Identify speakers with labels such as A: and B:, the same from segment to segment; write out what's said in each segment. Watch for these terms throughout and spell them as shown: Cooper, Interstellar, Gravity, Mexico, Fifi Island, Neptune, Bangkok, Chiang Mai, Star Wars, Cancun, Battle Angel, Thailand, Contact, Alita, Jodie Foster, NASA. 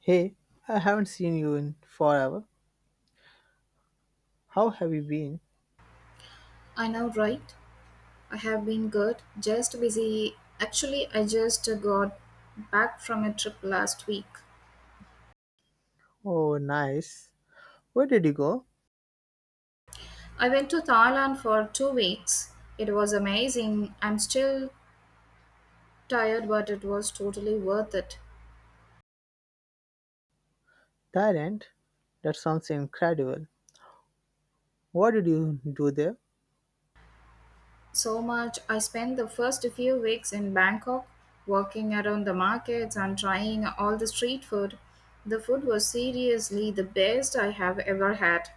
A: Hey, I haven't seen you in forever. How have you been?
B: I know, right? I have been good, just busy. Actually, I just got back from a trip last week.
A: Oh, nice. Where did you go?
B: I went to Thailand for 2 weeks. It was amazing. I'm still tired, but it was totally worth it.
A: Thailand? That sounds incredible. What did you do there?
B: So much. I spent the first few weeks in Bangkok, walking around the markets and trying all the street food. The food was seriously the best I have ever had.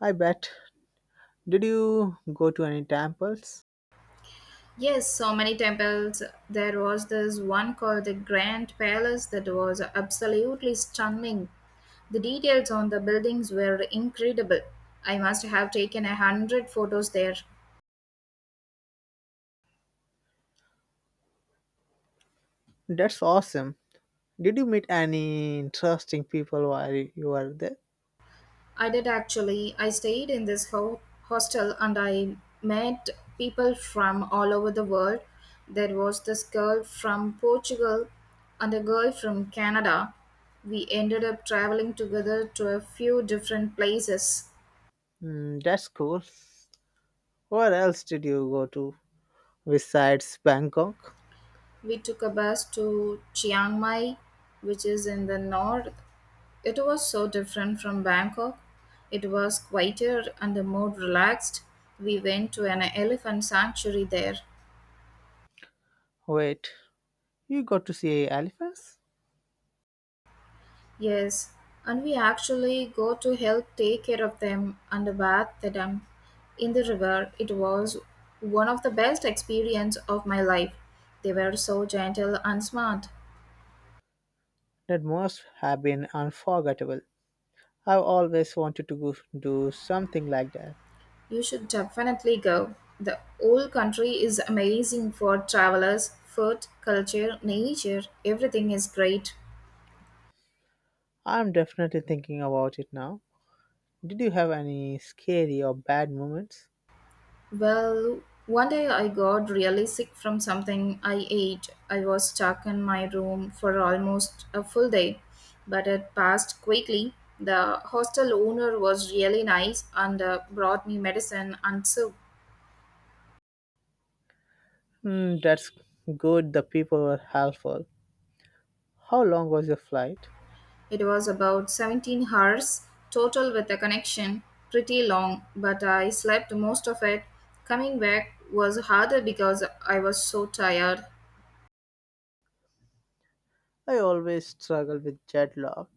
A: I bet. Did you go to any temples?
B: Yes, so many temples. There was this one called the Grand Palace that was absolutely stunning. The details on the buildings were incredible. I must have taken 100 photos there.
A: That's awesome. Did you meet any interesting people while you were there?
B: I did actually. I stayed in this hostel and I met people from all over the world. There was this girl from Portugal and a girl from Canada. We ended up traveling together to a few different places.
A: Mm, that's cool. Where else did you go to besides Bangkok?
B: We took a bus to Chiang Mai, which is in the north. It was so different from Bangkok. It was quieter and more relaxed. We went to an elephant sanctuary there.
A: Wait, you got to see elephants?
B: Yes, and we actually go to help take care of them and bathe them in the river. It was one of the best experience of my life. They were so gentle and smart.
A: That must have been unforgettable. I've always wanted to go, do something like that.
B: You should definitely go. The whole country is amazing for travelers. Food, culture, nature, everything is great.
A: I'm definitely thinking about it now. Did you have any scary or bad moments?
B: Well, one day I got really sick from something I ate. I was stuck in my room for almost a full day, but it passed quickly. The hostel owner was really nice and brought me medicine and soup.
A: Hmm, that's good. The people were helpful. How long was your flight?
B: It was about 17 hours total with the connection, pretty long, but I slept most of it. Coming back was harder because I was so tired.
A: I always struggle with jet lag.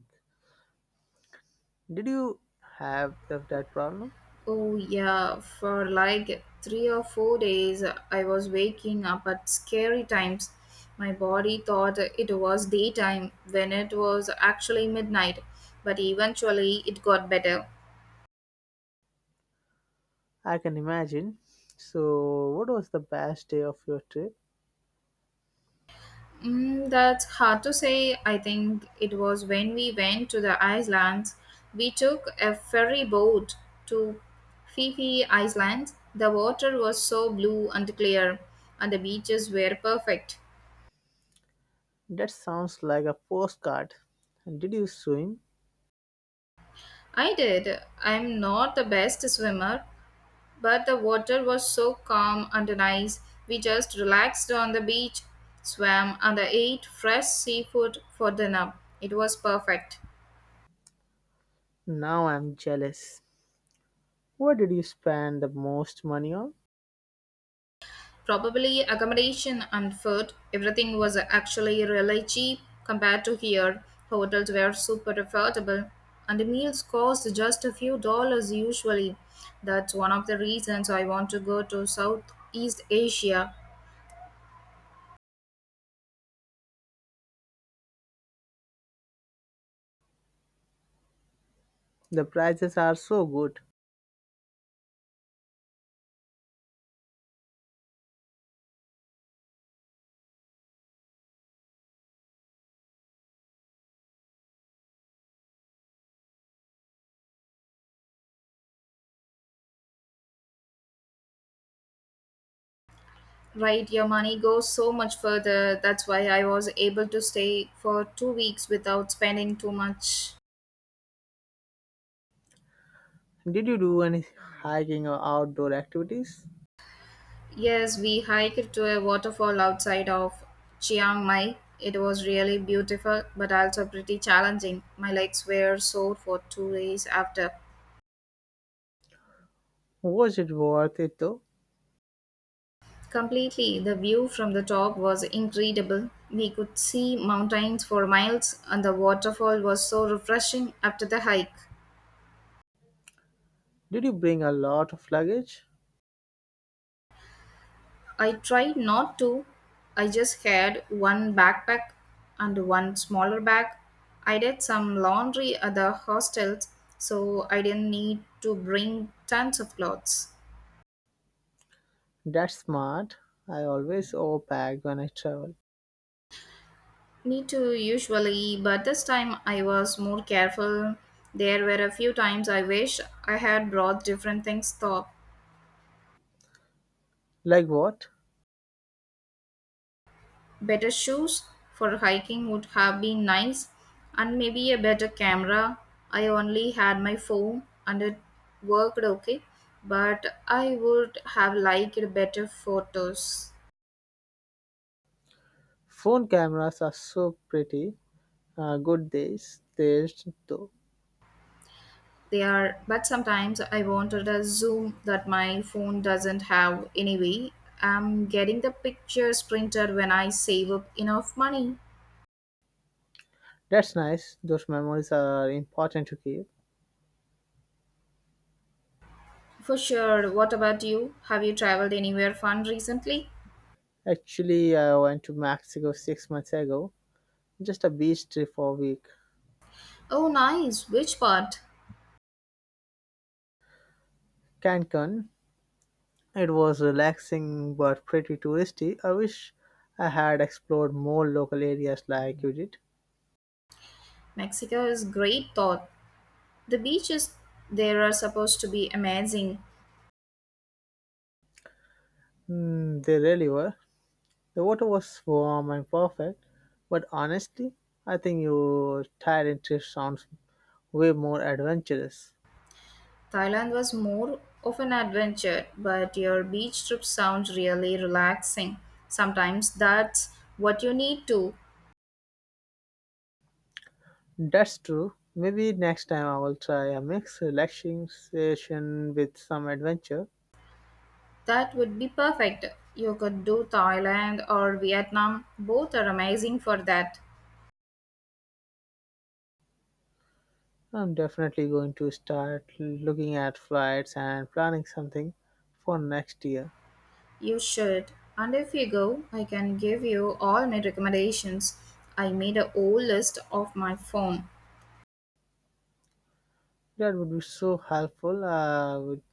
A: Did you have that problem?
B: Oh, yeah, for like 3 or 4 days, I was waking up at scary times. My body thought it was daytime when it was actually midnight, but eventually it got better.
A: I can imagine. So, what was the best day of your trip?
B: That's hard to say. I think it was when we went to the islands. We took a ferry boat to Fifi Island. The water was so blue and clear, and the beaches were perfect.
A: That sounds like a postcard. And did you swim?
B: I did. I'm not the best swimmer, but the water was so calm and nice. We just relaxed on the beach, swam, and ate fresh seafood for dinner. It was perfect.
A: Now I'm jealous. What did you spend the most money on?
B: Probably accommodation and food. Everything was actually really cheap compared to here. Hotels were super affordable, and the meals cost just a few dollars usually. That's one of the reasons I want to go to Southeast Asia.
A: The prices are so good.
B: Right, your money goes so much further. That's why I was able to stay for 2 weeks without spending too much.
A: Did you do any hiking or outdoor activities?
B: Yes, we hiked to a waterfall outside of Chiang Mai. It was really beautiful, but also pretty challenging. My legs were sore for 2 days after.
A: Was it worth it though?
B: Completely, the view from the top was incredible. We could see mountains for miles, and the waterfall was so refreshing after the hike.
A: Did you bring a lot of luggage?
B: I tried not to. I just had one backpack and one smaller bag. I did some laundry at the hostels, so I didn't need to bring tons of clothes.
A: That's smart. I always overpack when I travel.
B: Need to usually, but this time I was more careful. There were a few times I wish I had brought different things though.
A: Like what?
B: Better shoes for hiking would have been nice, and maybe a better camera. I only had my phone and it worked okay, but I would have liked better photos.
A: Phone cameras are so pretty. Good days, days though.
B: They are, but sometimes I wanted a zoom that my phone doesn't have anyway. I'm getting the pictures printed when I save up enough money.
A: That's nice. Those memories are important to keep.
B: For sure. What about you? Have you traveled anywhere fun recently?
A: Actually, I went to Mexico 6 months ago. Just a beach trip for a week.
B: Oh, nice. Which part?
A: Cancun. It was relaxing but pretty touristy. I wish I had explored more local areas like you did.
B: Mexico is great thought. The beaches there are supposed to be amazing.
A: Mm, they really were. The water was warm and perfect, but honestly, I think your Thailand trip sounds way more adventurous.
B: Thailand was more of an adventure, but your beach trip sounds really relaxing. Sometimes that's what you need to.
A: That's true. Maybe next time I will try a mix relaxation with some adventure.
B: That would be perfect. You could do Thailand or Vietnam. Both are amazing for that.
A: I'm definitely going to start looking at flights and planning something for next year.
B: You should. And if you go, I can give you all my recommendations. I made a whole list of my phone.
A: That would be so helpful. I would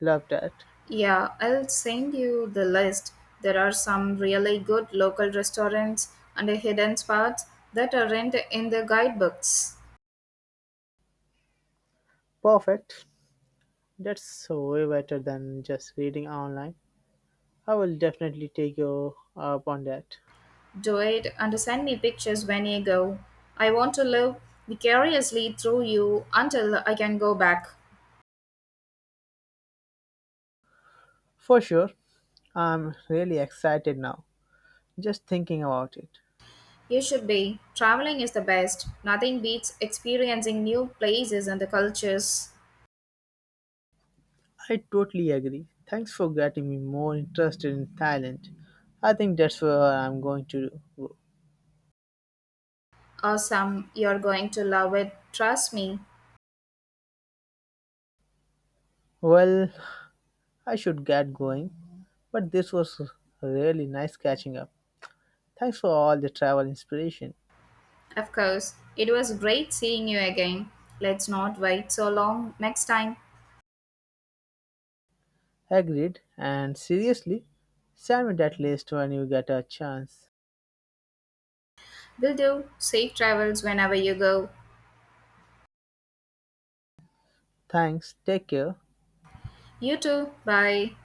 A: love that.
B: Yeah, I'll send you the list. There are some really good local restaurants and hidden spots that aren't in the guidebooks.
A: Perfect. That's so way better than just reading online. I will definitely take you up on that.
B: Do it and send me pictures when you go. I want to live vicariously through you until I can go back.
A: For sure. I'm really excited now, just thinking about it.
B: You should be. Traveling is the best. Nothing beats experiencing new places and the cultures.
A: I totally agree. Thanks for getting me more interested in Thailand. I think that's where I'm going to go.
B: Awesome. You're going to love it. Trust me.
A: Well, I should get going, but this was really nice catching up. Thanks for all the travel inspiration.
B: Of course, it was great seeing you again. Let's not wait so long next time.
A: Agreed, and seriously, send me that list when you get a chance.
B: Will do. Safe travels whenever you go.
A: Thanks, take care.
B: You too. Bye.